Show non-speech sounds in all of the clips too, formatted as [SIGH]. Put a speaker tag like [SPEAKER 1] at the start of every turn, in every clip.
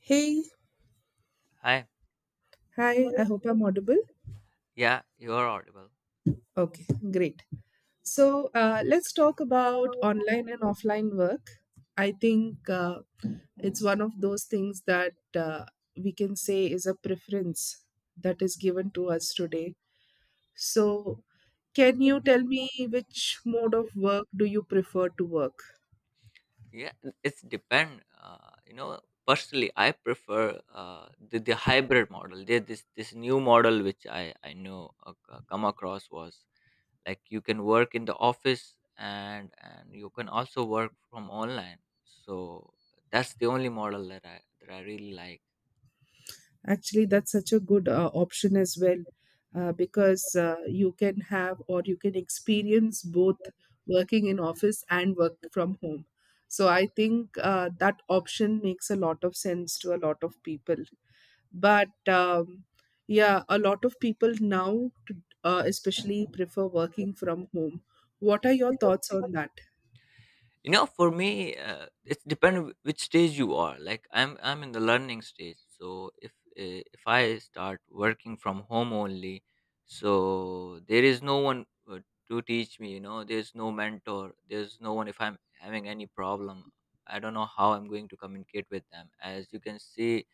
[SPEAKER 1] Hey,
[SPEAKER 2] Hi.
[SPEAKER 1] hi, I hope I'm audible.
[SPEAKER 2] Yeah, you're audible.
[SPEAKER 1] Okay, great. So let's talk about online and offline work. I think it's one of those things that we can say is a preference that is given to us today. So, can you tell me which mode of work do you prefer to work?
[SPEAKER 2] Yeah, it's depend. Personally, I prefer the hybrid model. There, this new model which I know come across was like you can work in the office and you can also work from online. So that's the only model that I really like.
[SPEAKER 1] Actually, that's such a good option as well, because you can have or you can experience both working in office and work from home. So I think that option makes a lot of sense to a lot of people. But yeah, a lot of people now, to, especially, prefer working from home. What are your thoughts on that?
[SPEAKER 2] For me, it's depend which stage you are, like I'm in the learning stage. So if I start working from home only, so there is no one uh, to teach me. There's no mentor, there's no one. If I'm having any problem, I don't know how I'm going to communicate with them, as you can see.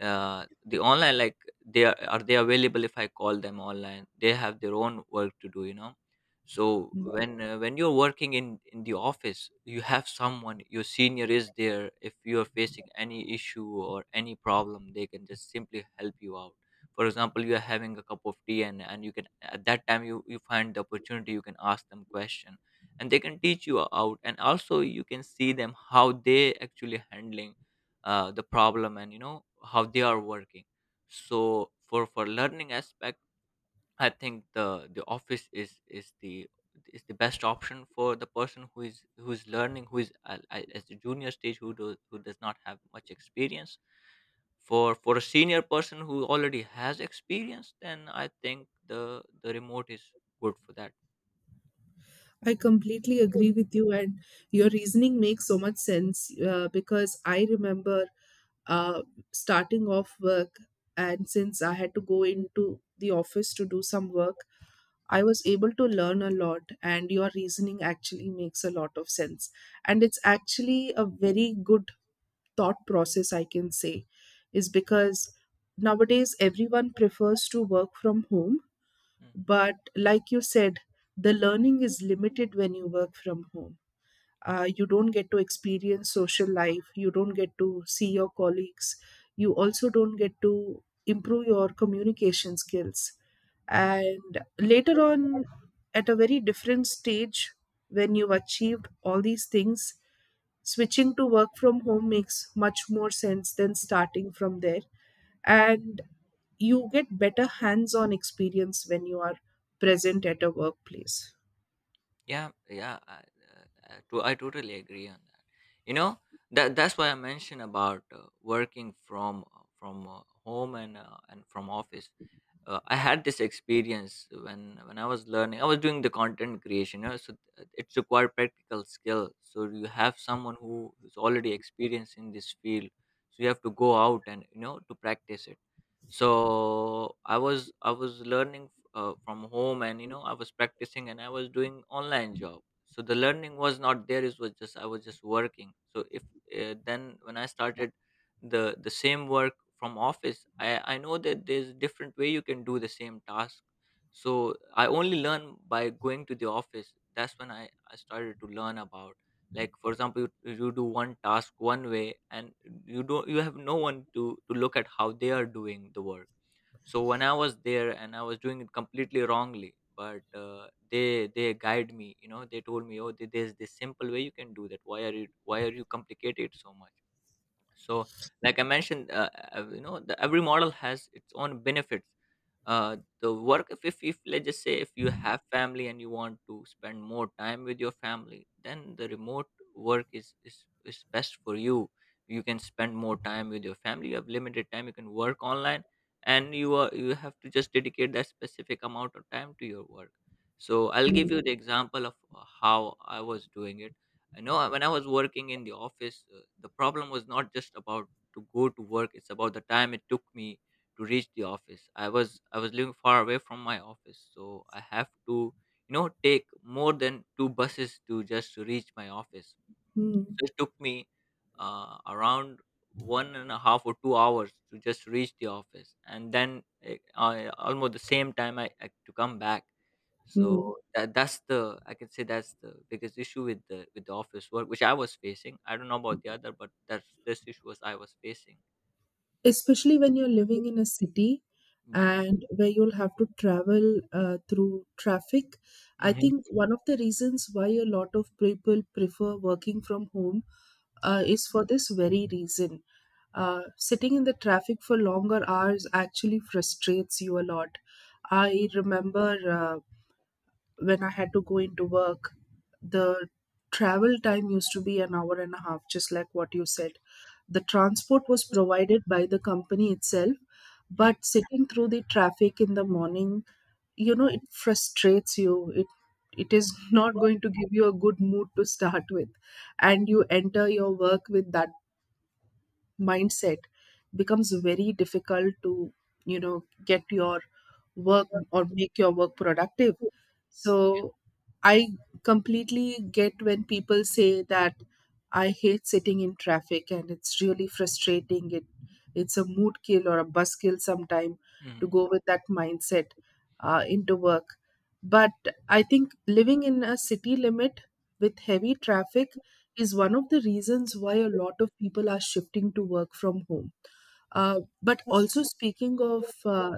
[SPEAKER 2] The online, like, are they available? If I call them online, they have their own work to do. So when you're working in the office, you have someone. Your senior is there. If you're facing any issue or any problem, they can just simply help you out. For example, you are having a cup of tea, and you can, at that time, you find the opportunity, you can ask them question. And they can teach you out, and also you can see them how they actually handling the problem, and you know how they are working. So for learning aspect, I think the office is the best option for the person who is learning, who is at the junior stage, who does not have much experience. For a senior person who already has experience, then I think the remote is good for that.
[SPEAKER 1] I completely agree with you, and your reasoning makes so much sense because I remember, uh, starting off work, and since I had to go into the office to do some work, I was able to learn a lot, and your reasoning actually makes a lot of sense, and it's actually a very good thought process, I can say, is because nowadays everyone prefers to work from home.
[SPEAKER 2] Mhm.
[SPEAKER 1] But like you said, the learning is limited when you work from home. Uh, you don't get to experience social life, you don't get to see your colleagues, you also don't get to improve your communication skills, and later on, at a very different stage, when you've achieved all these things, switching to work from home makes much more sense than starting from there. And you get better hands on experience when you are present at a workplace.
[SPEAKER 2] Yeah, yeah, I totally agree on that. You know, that's why I mentioned about working from home and from office. I had this experience when I was learning. I was doing the content creation, so it's required practical skill. So you have someone who is already experienced in this field, so you have to go out and to practice it. So I was learning from home, and I was practicing, and I was doing online job. So the learning was not there. It was just I was just working. So if then when I started the same work from office, I know that there's a different way you can do the same task. So I only learn by going to the office. That's when I started to learn about, like, for example, you do one task one way, and you have no one to look at how they are doing the work. So when I was there and I was doing it completely wrongly, but they guide me, they told me, oh, there's this simple way you can do that. Why are you, complicate it so much? So like I mentioned, every model has its own benefits. Uh, the work, if let's just say, if you have family and you want to spend more time with your family, then the remote work is best for you. You can spend more time with your family, you have limited time, you can work online, and you have to just dedicate that specific amount of time to your work. So I'll give you the example of how I was doing it. I know when I was working in the office, the problem was not just about to go to work; it's about the time it took me to reach the office. I was living far away from my office, so I have to take more than two buses to just to reach my office.
[SPEAKER 1] Hmm.
[SPEAKER 2] So it took me around 1.5 or 2 hours to just reach the office, and then I, almost the same time, I to come back.
[SPEAKER 1] Hmm.
[SPEAKER 2] So that that's the I can say that's the biggest issue with the office work, which I was facing. I don't know about the other, but that's this issue was I was facing.
[SPEAKER 1] Especially when you're living in a city
[SPEAKER 2] Yeah.
[SPEAKER 1] and where you'll have to travel through traffic. I
[SPEAKER 2] Mm-hmm.
[SPEAKER 1] think one of the reasons why a lot of people prefer working from home
[SPEAKER 2] Yeah.
[SPEAKER 1] is for this very reason. Sitting in the traffic for longer hours actually frustrates you a lot. I remember, when I had to go into work, the travel time used to be an hour and a half, just like what you said. The transport was provided by the company itself,
[SPEAKER 2] Mm-hmm.
[SPEAKER 1] but sitting through the traffic in the morning, you know, it frustrates you. It It is [LAUGHS] not going to give you a good mood to start with, and you enter your work with that mindset. Becomes very difficult to, you know, get your work or make your work productive. So I completely get when people say that I hate sitting in traffic, and it's really frustrating. It it's a mood kill or a bus kill sometime to
[SPEAKER 2] Mm-hmm.
[SPEAKER 1] go with that mindset into work. But I think living in a city limit with heavy traffic is one of the reasons why a lot of people are shifting to work from home. But also, speaking of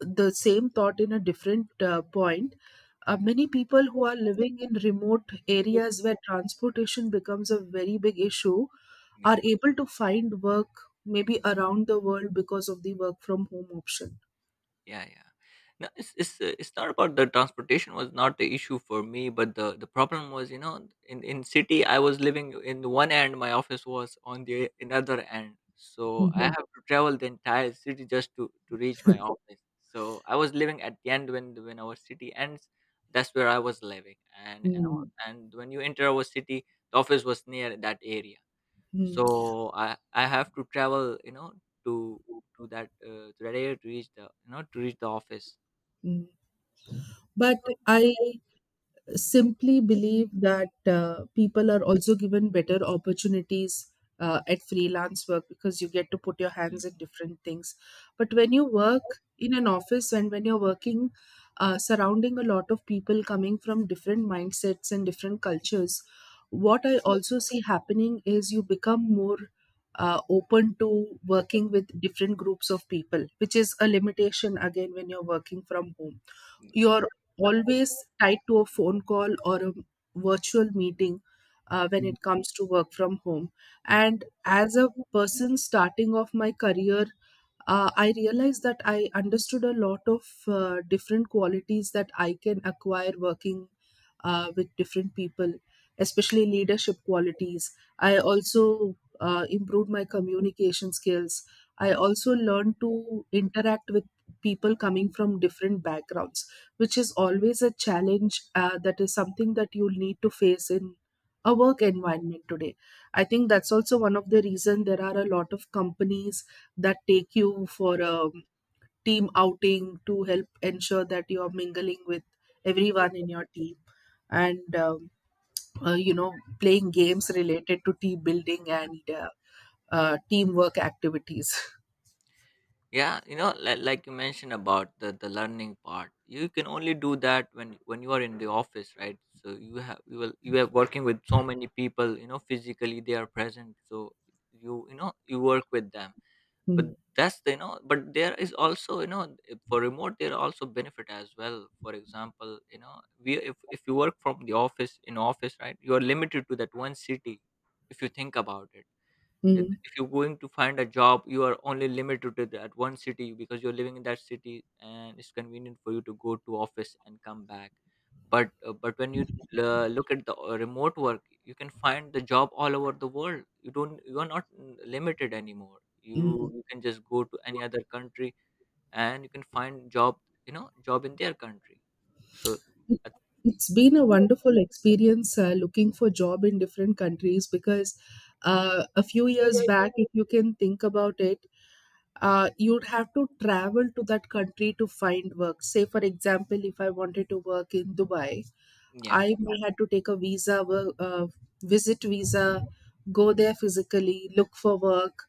[SPEAKER 1] the same thought in a different point, many people who are living in remote areas where transportation becomes a very big issue are able to find work maybe around the world because of the work from home option.
[SPEAKER 2] Yeah, yeah. No, it's not about the transportation was not the issue for me, but the problem was, in city I was living in the one end, my office was on the another end, so I
[SPEAKER 1] Mhm.
[SPEAKER 2] have to travel the entire city just to reach my office. So I was living at the end, when our city ends, that's where I was living, and and all-
[SPEAKER 1] Mm,
[SPEAKER 2] and when you enter our city, the office was near that area.
[SPEAKER 1] mm,
[SPEAKER 2] So I have to travel, to that area, to reach the office.
[SPEAKER 1] mm. But I simply believe that people are also given better opportunities at freelance work because you get to put your hands in different things. But when you work in an office and when you're working, surrounding a lot of people coming from different mindsets and different cultures, what I
[SPEAKER 2] Yeah.
[SPEAKER 1] also see happening is you become more open to working with different groups of people, which is a limitation again. When you're working from home, you're always tied to a phone call or a virtual meeting when it comes to work from home. And as a person starting off my career, I realized that I understood a lot of different qualities that I can acquire working with different people, especially leadership qualities. I also improved my communication skills. I also learned to interact with people coming from different backgrounds, which is always a challenge. That is something that you need to face in a work environment today. I think that's also one of the reason there are a lot of companies that take you for a team outing to help ensure that you are mingling with everyone in your team, and you know, playing games related to team building and, teamwork activities. [LAUGHS]
[SPEAKER 2] Yeah, like you mentioned about the learning part, you can only do that when you are in the office, right? So you have you will you are working with so many people, physically they are present. So you work with them. But
[SPEAKER 1] Mm,
[SPEAKER 2] that's the you know but there is also, for remote, there are also benefit as well. For example, you know we if you work from the office in office, right, you are limited to that one city. If you think about it, if
[SPEAKER 1] mm,
[SPEAKER 2] if you're going to find a job, you are only limited to that one city, because you're living in that city and it's convenient for you to go to office and come back. But when you look at the remote work, you can find the job all over the world. You don't, you are not limited anymore. you
[SPEAKER 1] mm.
[SPEAKER 2] you can just go to any other country, and you can find job you know job in their country. So
[SPEAKER 1] It- has been a wonderful experience looking for job in different countries because, a few years
[SPEAKER 2] I-
[SPEAKER 1] back, if you can think about it, you'd have to travel to that country to find work. Say, for example, if I wanted to work in Dubai,
[SPEAKER 2] yeah.
[SPEAKER 1] I may had to take a visa, visit visa, go there physically, look for work.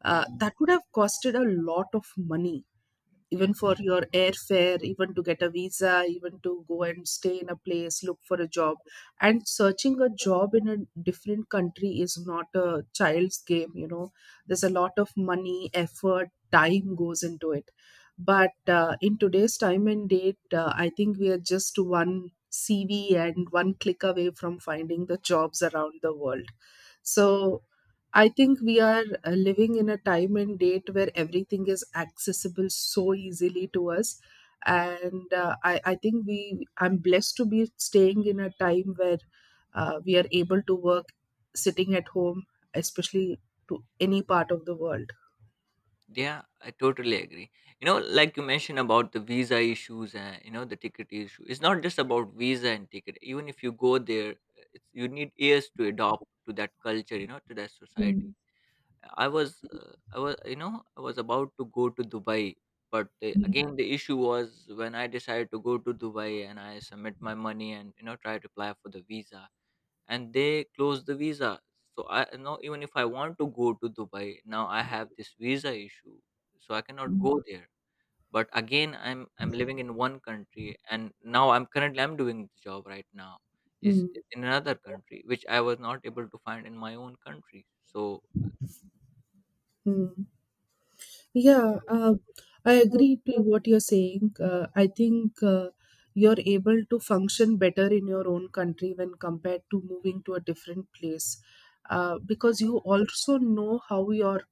[SPEAKER 2] Mhm.
[SPEAKER 1] That would have costed a lot of money,
[SPEAKER 2] Yeah.
[SPEAKER 1] even for your airfare, even to get a visa, even to go and stay in a place, look for a job. And searching a job in a different country is not a child's game, you know. There's a lot of money, effort, time goes into it. But in today's time and date, I think we are just one CV and one click away from finding the jobs around the world. So I think we are living in a time and date where everything is accessible so easily to us. And I think we I'm blessed to be staying in a time where we are able to work sitting at home, especially to any part of the world.
[SPEAKER 2] Yeah, I totally agree. Like you mentioned about the visa issues and the ticket issue. It's not just about visa and ticket. Even if you go there, you need years to adopt to that culture. To that society.
[SPEAKER 1] Mm,
[SPEAKER 2] I was, you know, I was about to go to Dubai, but
[SPEAKER 1] mm,
[SPEAKER 2] again, the issue was when I decided to go to Dubai and I submit my money and try to apply for the visa, and they close the visa. So I now, even if I want to go to Dubai, now I have this visa issue, so I cannot
[SPEAKER 1] mm.
[SPEAKER 2] go there. But again, I'm living in one country, and now I'm currently I'm doing the job right now is
[SPEAKER 1] Mm,
[SPEAKER 2] is in another country, which I was not able to find in my own country. So,
[SPEAKER 1] mm. Yeah, I agree to what you're saying. I think you're able to function better in your own country when compared to moving to a different place. Because you also know how your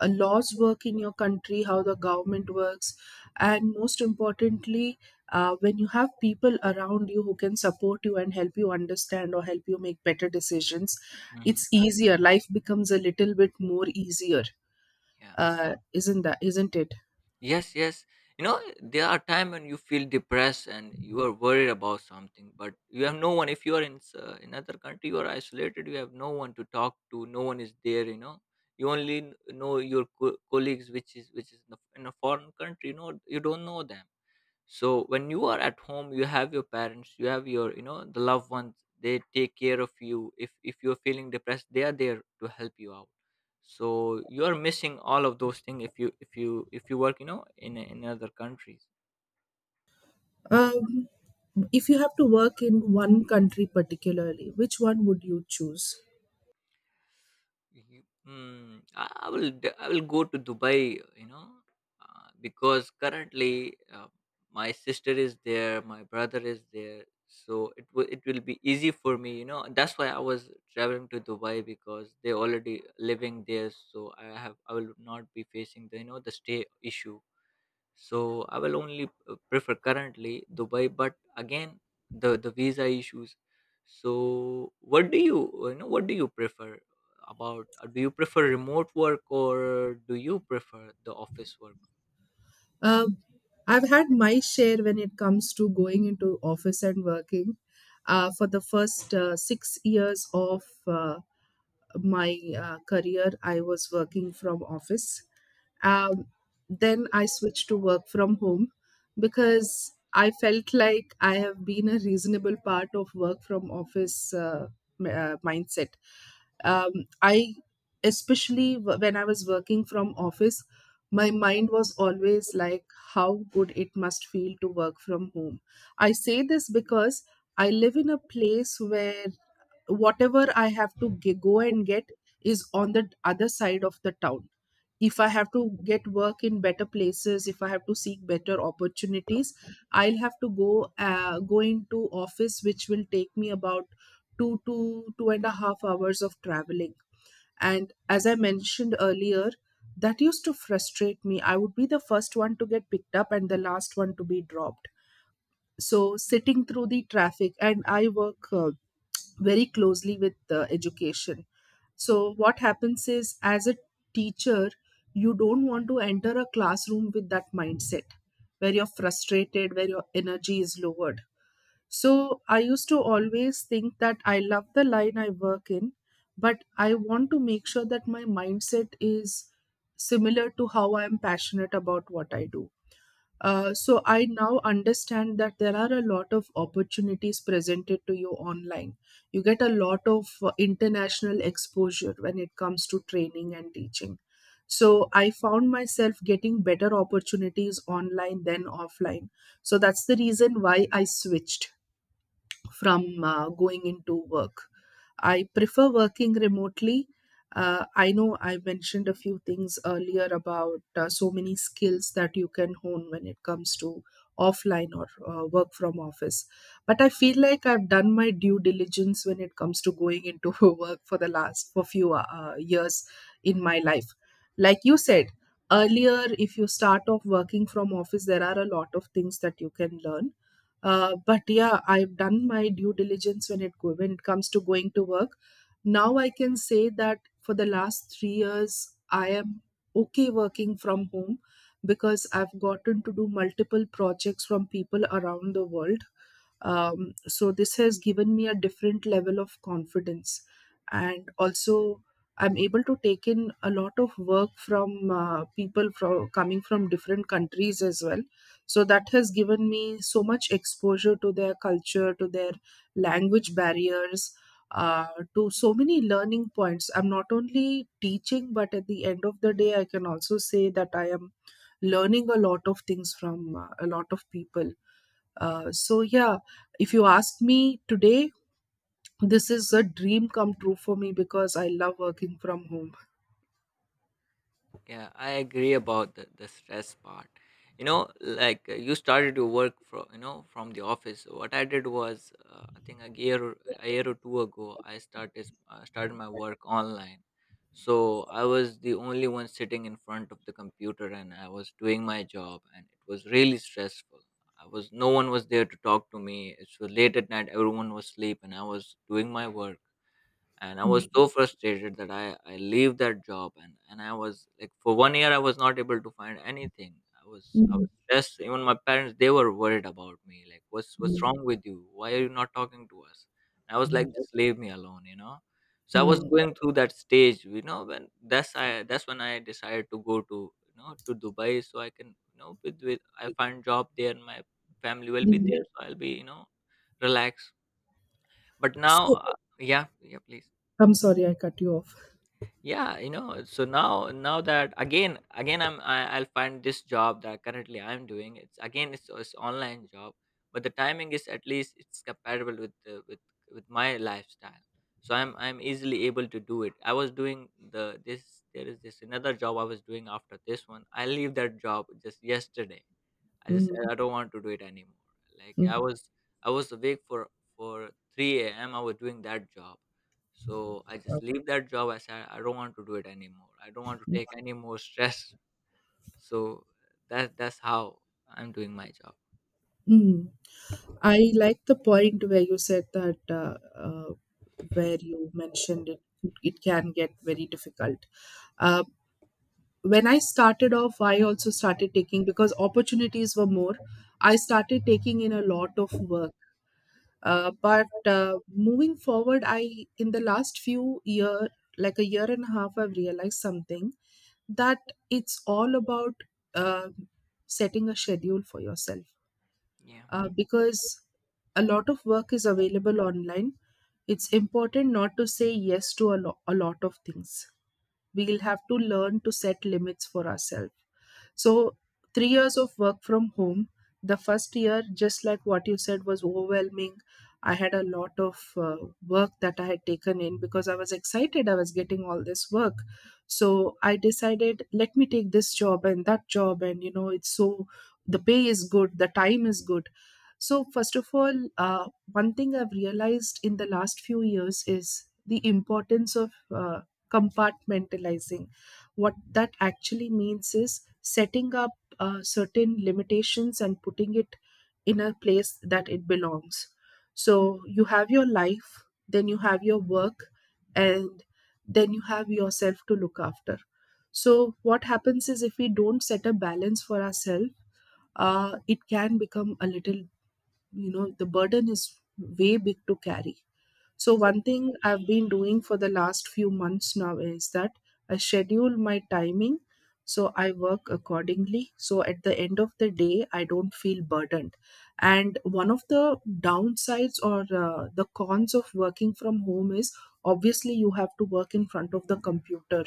[SPEAKER 1] laws work in your country, how the government works, and most importantly, when you have people around you who can support you and help you understand or help you make better decisions,
[SPEAKER 2] Mhm.
[SPEAKER 1] it's easier. Life becomes a little bit more easier.
[SPEAKER 2] Yeah.
[SPEAKER 1] Isn't that, isn't it?
[SPEAKER 2] Yes, yes. There are times when you feel depressed and you are worried about something, but you have no one. If you are in another country, you are isolated. You have no one to talk to. No one is there. You only know your colleagues, which is in a foreign country. You don't know them. So when you are at home, you have your parents, you have your you know the loved ones. They take care of you. If you're feeling depressed, they are there to help you out. So you are missing all of those things if you, if you work, in other countries.
[SPEAKER 1] Um, if you have to work in one country particularly, which one would you choose?
[SPEAKER 2] I will go to Dubai, because currently my sister is there, my brother is there, so it will be easy for me. That's why I was traveling to Dubai, because they already living there, so I will not be facing the you know the stay issue. So I will only prefer currently Dubai. But again, the visa issues. So what do you prefer about do you prefer remote work, or do you prefer the office work?
[SPEAKER 1] Uh, I've had my share when it comes to going into office and working. For the first 6 years of my career, I was working from office. um, then I switched to work from home because I felt like I have been a reasonable part of work from office, mindset. um, I, especially when I was working from office, my mind was always like, how good it must feel to work from home. I say this because I live in a place where whatever I have to go and get is on the other side of the town. If I have to get work in better places, if I have to seek better opportunities, I'll have to go, go into office, which will take me about two to two and a half hours of traveling. And as I mentioned earlier, that used to frustrate me. I would be the first one to get picked up and the last one to be dropped. So sitting through the traffic, and I work. Very closely with education. So, what happens is, as a teacher, you don't want to enter a classroom with that mindset where you're frustrated, where your energy is lowered. So, I used to always think that I love the line I work in, but I want to make sure that my mindset is similar to how I'm passionate about what I do. Uh, so I now understand that there are a lot of opportunities presented to you online. You get a lot of international exposure when it comes to training and teaching. So I found myself getting better opportunities online than offline. So that's the reason why I switched from going into work. I prefer working remotely. I know I mentioned a few things earlier about so many skills that you can hone when it comes to offline or work from office. But I feel like I've done my due diligence when it comes to going into [LAUGHS] work for the last for few years in my life. Like you said earlier, if you start off working from office, there are a lot of things that you can learn, but yeah, I've done my due diligence when it when it comes to going to work. Now I can say that for the last 3 years, I am okay working from home because I've gotten to do multiple projects from people around the world. So this has given me a different level of confidence, and also I'm able to take in a lot of work from people from coming from different countries as well, so that has given me so much exposure to their culture, to their language barriers, uh, to so many learning points. I'm not only teaching, but at the end of the day I can also say that I am learning a lot of things from a lot of people. So yeah, if you ask me today, this is a dream come true for me because I love working from home.
[SPEAKER 2] Yeah, I agree about the stress part. Like you started your work from you know from the office. What I did was, I think a year or two ago, I started my work online. So I was the only one sitting in front of the computer, and I was doing my job, and it was really stressful. I was no one was there to talk to me. It was late at night; everyone was asleep, and I was doing my work, and I was
[SPEAKER 1] Mm.
[SPEAKER 2] so frustrated that I leave that job, and I was like, for one year I was not able to find anything. I was
[SPEAKER 1] Mm.
[SPEAKER 2] stressed. Even my parents, they were worried about me, like, what's
[SPEAKER 1] Mm.
[SPEAKER 2] wrong with you? Why are you not talking to us? And I was like,
[SPEAKER 1] Mm.
[SPEAKER 2] just leave me alone. So I was
[SPEAKER 1] Hmm.
[SPEAKER 2] going through that stage you know when that's I that's when I decided to go to you know to Dubai so I can with I find job there, and my family will be
[SPEAKER 1] Mm.
[SPEAKER 2] there, so I'll be relaxed. But now,
[SPEAKER 1] So
[SPEAKER 2] yeah, yeah, please.
[SPEAKER 1] I'm sorry I cut you off.
[SPEAKER 2] Yeah, so now that, again, I'll find this job that currently I'm doing. It's again, it's online job, but the timing is at least it's compatible with the, with my lifestyle. So I'm easily able to do it. I was doing the this, there is this another job I was doing. After this one, I leave that job just yesterday. I just
[SPEAKER 1] Mm.
[SPEAKER 2] I don't want to do it anymore. Like I
[SPEAKER 1] Mm.
[SPEAKER 2] was I was awake for 3 a.m. I was doing that job. So I just leave that job. I said I don't want to do it anymore. I don't want to take any more stress. So that's how I'm doing my job.
[SPEAKER 1] Mm. I like the point where you said that, where you mentioned it, it can get very difficult. Uh, when I started off, I also started taking, because opportunities were more, I started taking in a lot of work. But moving forward, in the last few year, like a year and a half, I've realized something, that it's all about uh, setting a schedule for yourself. Because a lot of work is available online. It's important not to say yes to a lot of things. We'll have to learn to set limits for ourselves. So, 3 years of work from home. The first year, just like what you said, was overwhelming. I had a lot of work that I had taken in because I was excited. I was getting all this work. So I decided, let me take this job and that job. And it's so, the pay is good, the time is good. So, first of all, one thing I've realized in the last few years is the importance of compartmentalizing. What that actually means is setting up certain limitations and putting it in a place that it belongs. So you have your life, then you have your work, and then you have yourself to look after. So, what happens is, if we don't set a balance for ourselves, it can become a little, the burden is way big to carry. So, one thing I've been doing for the last few months now is that I schedule my timing, so I work accordingly. So, at the end of the day, I don't feel burdened. And one of the downsides, or the cons of working from home, is obviously you have to work in front of the computer.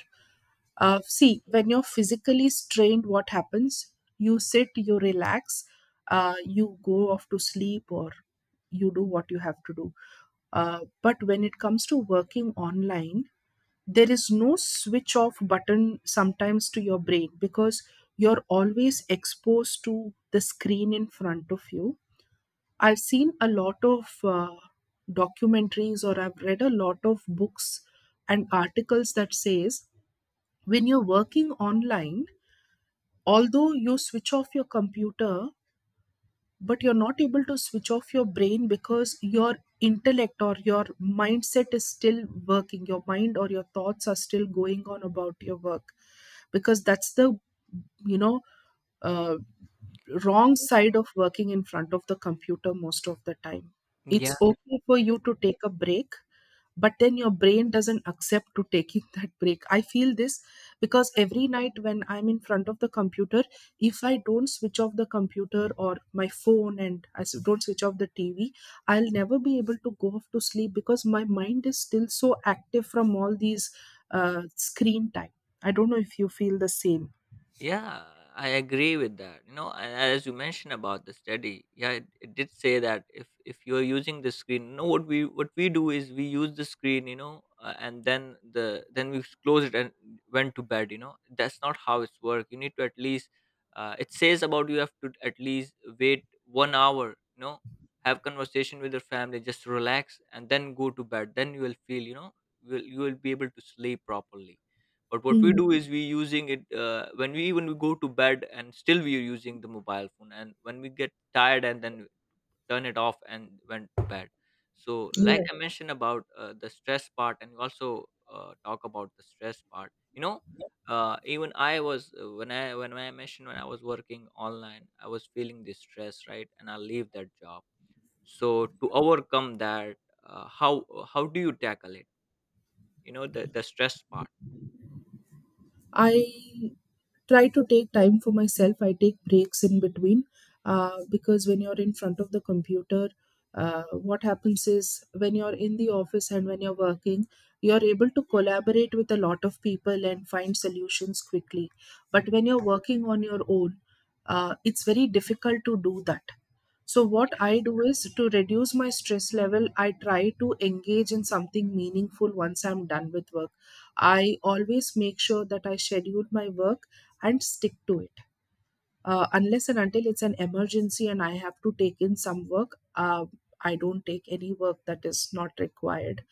[SPEAKER 1] See, when you're physically strained, what happens? You sit, you relax, you go off to sleep, or you do what you have to do. But when it comes to working online, there is no switch off button sometimes to your brain, because you're always exposed to the screen in front of you. I've seen a lot of documentaries, or I've read a lot of books and articles that says when you're working online, although you switch off your computer, but you're not able to switch off your brain, because your intellect or your mindset is still working. Your mind or your thoughts are still going on about your work, because that's the you know uh, wrong side of working in front of the computer most of the time.
[SPEAKER 2] Yeah.
[SPEAKER 1] It's okay for you to take a break, but then your brain doesn't accept to taking [LAUGHS] that break, I feel this. Because every night when I'm in front of the computer, if I don't switch off the computer or my phone and don't switch off the TV, I'll never be able to go off to sleep, because my mind is still so active from all these screen time. I don't know if you feel the same.
[SPEAKER 2] Yeah, I agree with that. You know, and as you mentioned about the study, yeah, it did say that if you're using the screen, no, what we do is we use the screen, and then then we close it and went to bed. You know, that's not how it's work. You need to at least, it says about you have to at least wait one hour. You know, have conversation with your family, just relax, and then go to bed. Then you will feel, you will be able to sleep properly. But what we do
[SPEAKER 1] Hmm.
[SPEAKER 2] is we using it, when we even we go to bed and still we are using the mobile phone, and when we get tired, and then turn it off and went to bed. So like I mentioned about, the stress part, and you also, talk about the stress part. Even I was, when I mentioned when I was working online, I was feeling this stress, right? And I leave that job. So to overcome that, how do you tackle it? The stress part.
[SPEAKER 1] I try to take time for myself. I take breaks in between, because when you're in front of the computer, what happens is when you're in the office and when you're working, you're able to collaborate with a lot of people and find solutions quickly. But when
[SPEAKER 2] Mhm.
[SPEAKER 1] you're working on your own, it's very difficult to do that. So, what I do is, to reduce my stress level, I try to engage in something meaningful once I'm done with work. I always make sure that I schedule my work and stick to it. Unless and until it's an emergency and I have to take in some work, I don't take any work that is not required.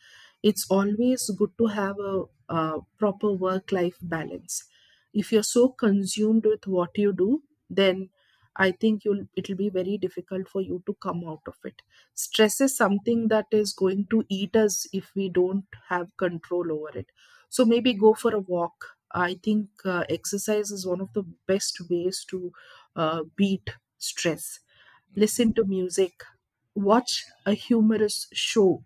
[SPEAKER 1] It's always good to have a proper work life balance. If you're so consumed with what you do, then I think you'll it'll be very difficult for you to come out of it. Stress is something that is going to eat us if we don't have control over it. So maybe go for a walk. I think exercise is one of the best ways to beat stress. Listen to music, watch a humorous show.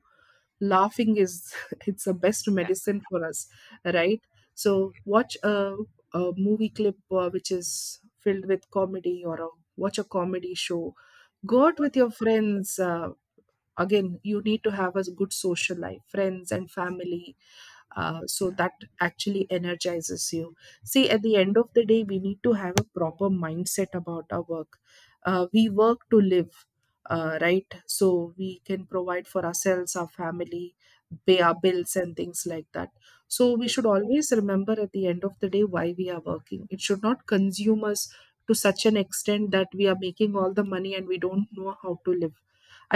[SPEAKER 1] Laughing is, [LAUGHS] it's the best medicine for us, right? So watch a movie clip which is filled with comedy, or watch a comedy show. Go out with your friends. Again, you need to have a good social life, friends and family. So that actually energizes you. See, at the end of the day, we need to have a proper mindset about our work. We work to live, right, so we can provide for ourselves, our family, pay our bills and things like that. So we should always remember at the end of the day why we are working. It should not consume us to such an extent that we are making all the money and we don't know how to live.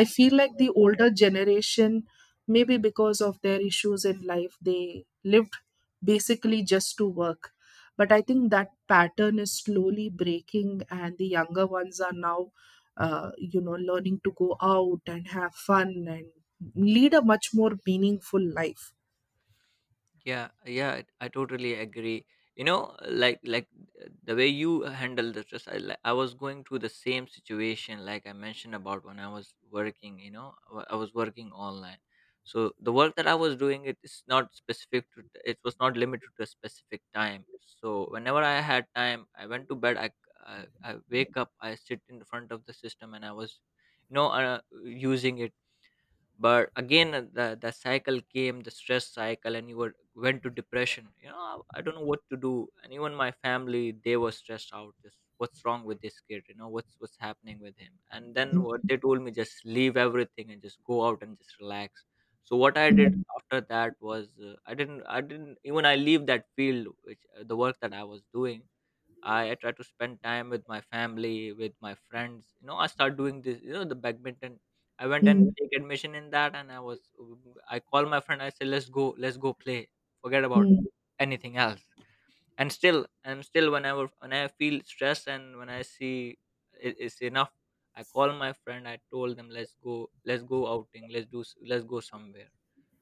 [SPEAKER 1] I feel like the older generation, maybe because of their issues in life, they lived basically just to work. But I think that pattern is slowly breaking, and the younger ones are now learning to go out and have fun and lead a much more meaningful life.
[SPEAKER 2] Yeah, yeah, I totally agree. You know like like uh, the way you handle the stress, I was going through the same situation. Like I mentioned about when I was working, I was working online. So the work that I was doing, it is not specific to, it was not limited to a specific time. So whenever I had time, I went to bed. I i, I wake up, I sit in front of the system, and I was, you know uh, using it. But again, the cycle came, the stress cycle, and you were went to depression. I don't know what to do. And even my family, they were stressed out. Just what's wrong with this kid? What's happening with him? And then what they told me, just leave everything and just go out and just relax. So what I did
[SPEAKER 1] Mm.
[SPEAKER 2] after that was, I didn't even I leave that field, which, the work that I was doing. I try to spend time with my family, with my friends. I start doing this. The badminton, I went and
[SPEAKER 1] Mm.
[SPEAKER 2] take admission in that, and I called my friend. I said, let's go play. Forget about
[SPEAKER 1] Mm.
[SPEAKER 2] anything else." And still, whenever when I feel stressed and when I see it's enough, I call my friend. I told them, let's go outing. Let's go somewhere.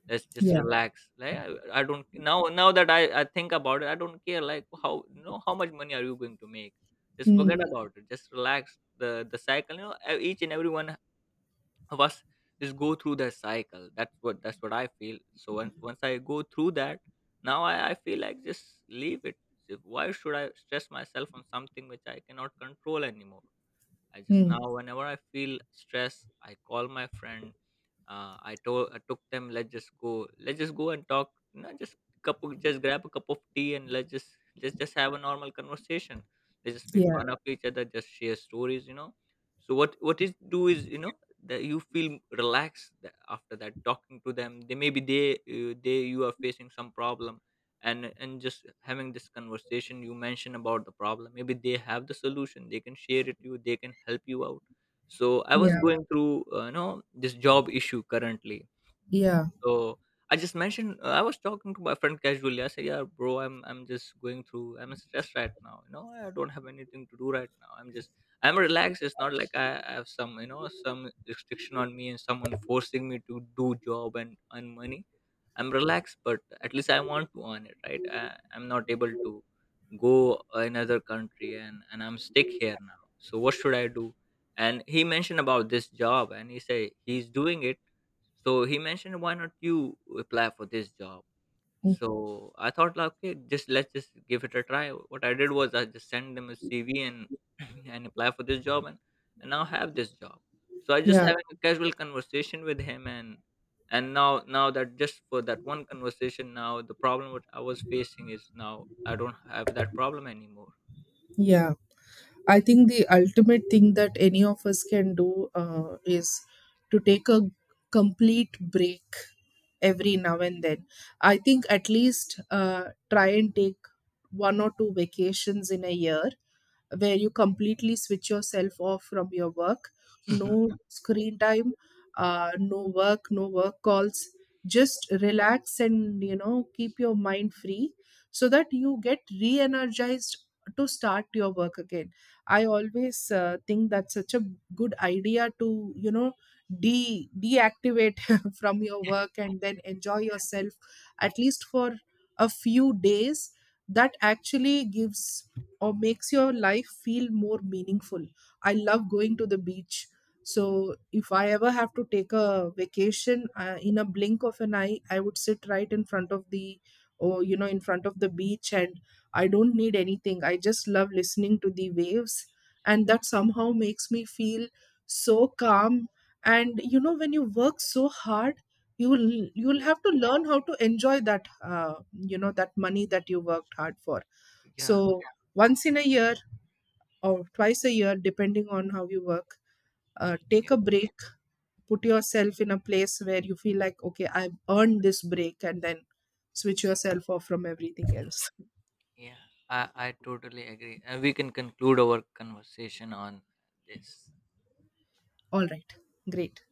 [SPEAKER 2] Let's just
[SPEAKER 1] Yeah.
[SPEAKER 2] relax." Like I don't. Now that I think about it, I don't care. Like, how how much money are you going to make? Just forget
[SPEAKER 1] Mm.
[SPEAKER 2] about it. Just relax. The cycle. You know, each and everyone was just go through that cycle. That's what I feel. So once I go through that, now I feel like, just leave it. So why should I stress myself on something which I cannot control anymore? I just now,
[SPEAKER 1] Mm.
[SPEAKER 2] whenever I feel stress, I call my friend. I took them. Let's just go. Let's just go and talk. You know, just grab a cup of tea and let's just have a normal conversation. Let's just make
[SPEAKER 1] Yeah.
[SPEAKER 2] fun of each other. Just share stories. So what is do is that you feel relaxed after that talking to them. They maybe they, they, you are facing some problem, and just having this conversation, you mentioned about the problem, maybe they have the solution, they can share it to you, they can help you out. So I was
[SPEAKER 1] Yeah.
[SPEAKER 2] going through, this job issue currently.
[SPEAKER 1] Yeah.
[SPEAKER 2] So I just mentioned, I was talking to my friend casually. I said, yeah, bro, I'm just going through, I'm stressed right now. I don't have anything to do right now. I'm just i'm relaxed. It's not like I have some, some restriction on me and someone forcing me to do job and earn money. I'm relaxed, but at least I want to earn it, right? I'm not able to go another country, and I'm stuck here now, so what should I do? And he mentioned about this job, and he said he's doing it. So he mentioned, why not you apply for this job?
[SPEAKER 1] Mm.
[SPEAKER 2] So I thought, like, okay, just let's just give it a try. What I did was I just sent them a CV and [CLEARS THROAT] and apply for this job, and now have this job. So I just
[SPEAKER 1] Yeah.
[SPEAKER 2] having a casual conversation with him, and now that just for that one conversation, now the problem what I was facing is now I don't have that problem anymore.
[SPEAKER 1] Yeah. I think the ultimate thing that any of us can do is to take a complete break every now and then. I think, at least, try and take one or two vacations in a year where you completely switch yourself off from your work.
[SPEAKER 2] Hmm.
[SPEAKER 1] No screen time, no work, no work calls. Just relax and, keep your mind free so that you get re energized to start your work again. I always think that's such a good idea to de deactivate [LAUGHS] from your work and then enjoy yourself, at least for a few days. That actually gives, or makes, your life feel more meaningful. I love going to the beach. So if I ever have to take a vacation, in a blink of an eye, I would sit right in front of the, or you know, in front of the beach, and I don't need anything. I just love listening to the waves. And that somehow makes me feel so calm. And when you work so hard, you will
[SPEAKER 2] Yeah,
[SPEAKER 1] have to learn how to enjoy that money that you worked hard for.
[SPEAKER 2] yeah,
[SPEAKER 1] So once in a year, or twice a year, depending on how you work,
[SPEAKER 2] yeah,
[SPEAKER 1] take a break, put yourself in a place where you feel like, okay, I've earned this break, and then switch yourself off from everything else.
[SPEAKER 2] yeah. I totally agree, and we can conclude our conversation on this.
[SPEAKER 1] All right, great.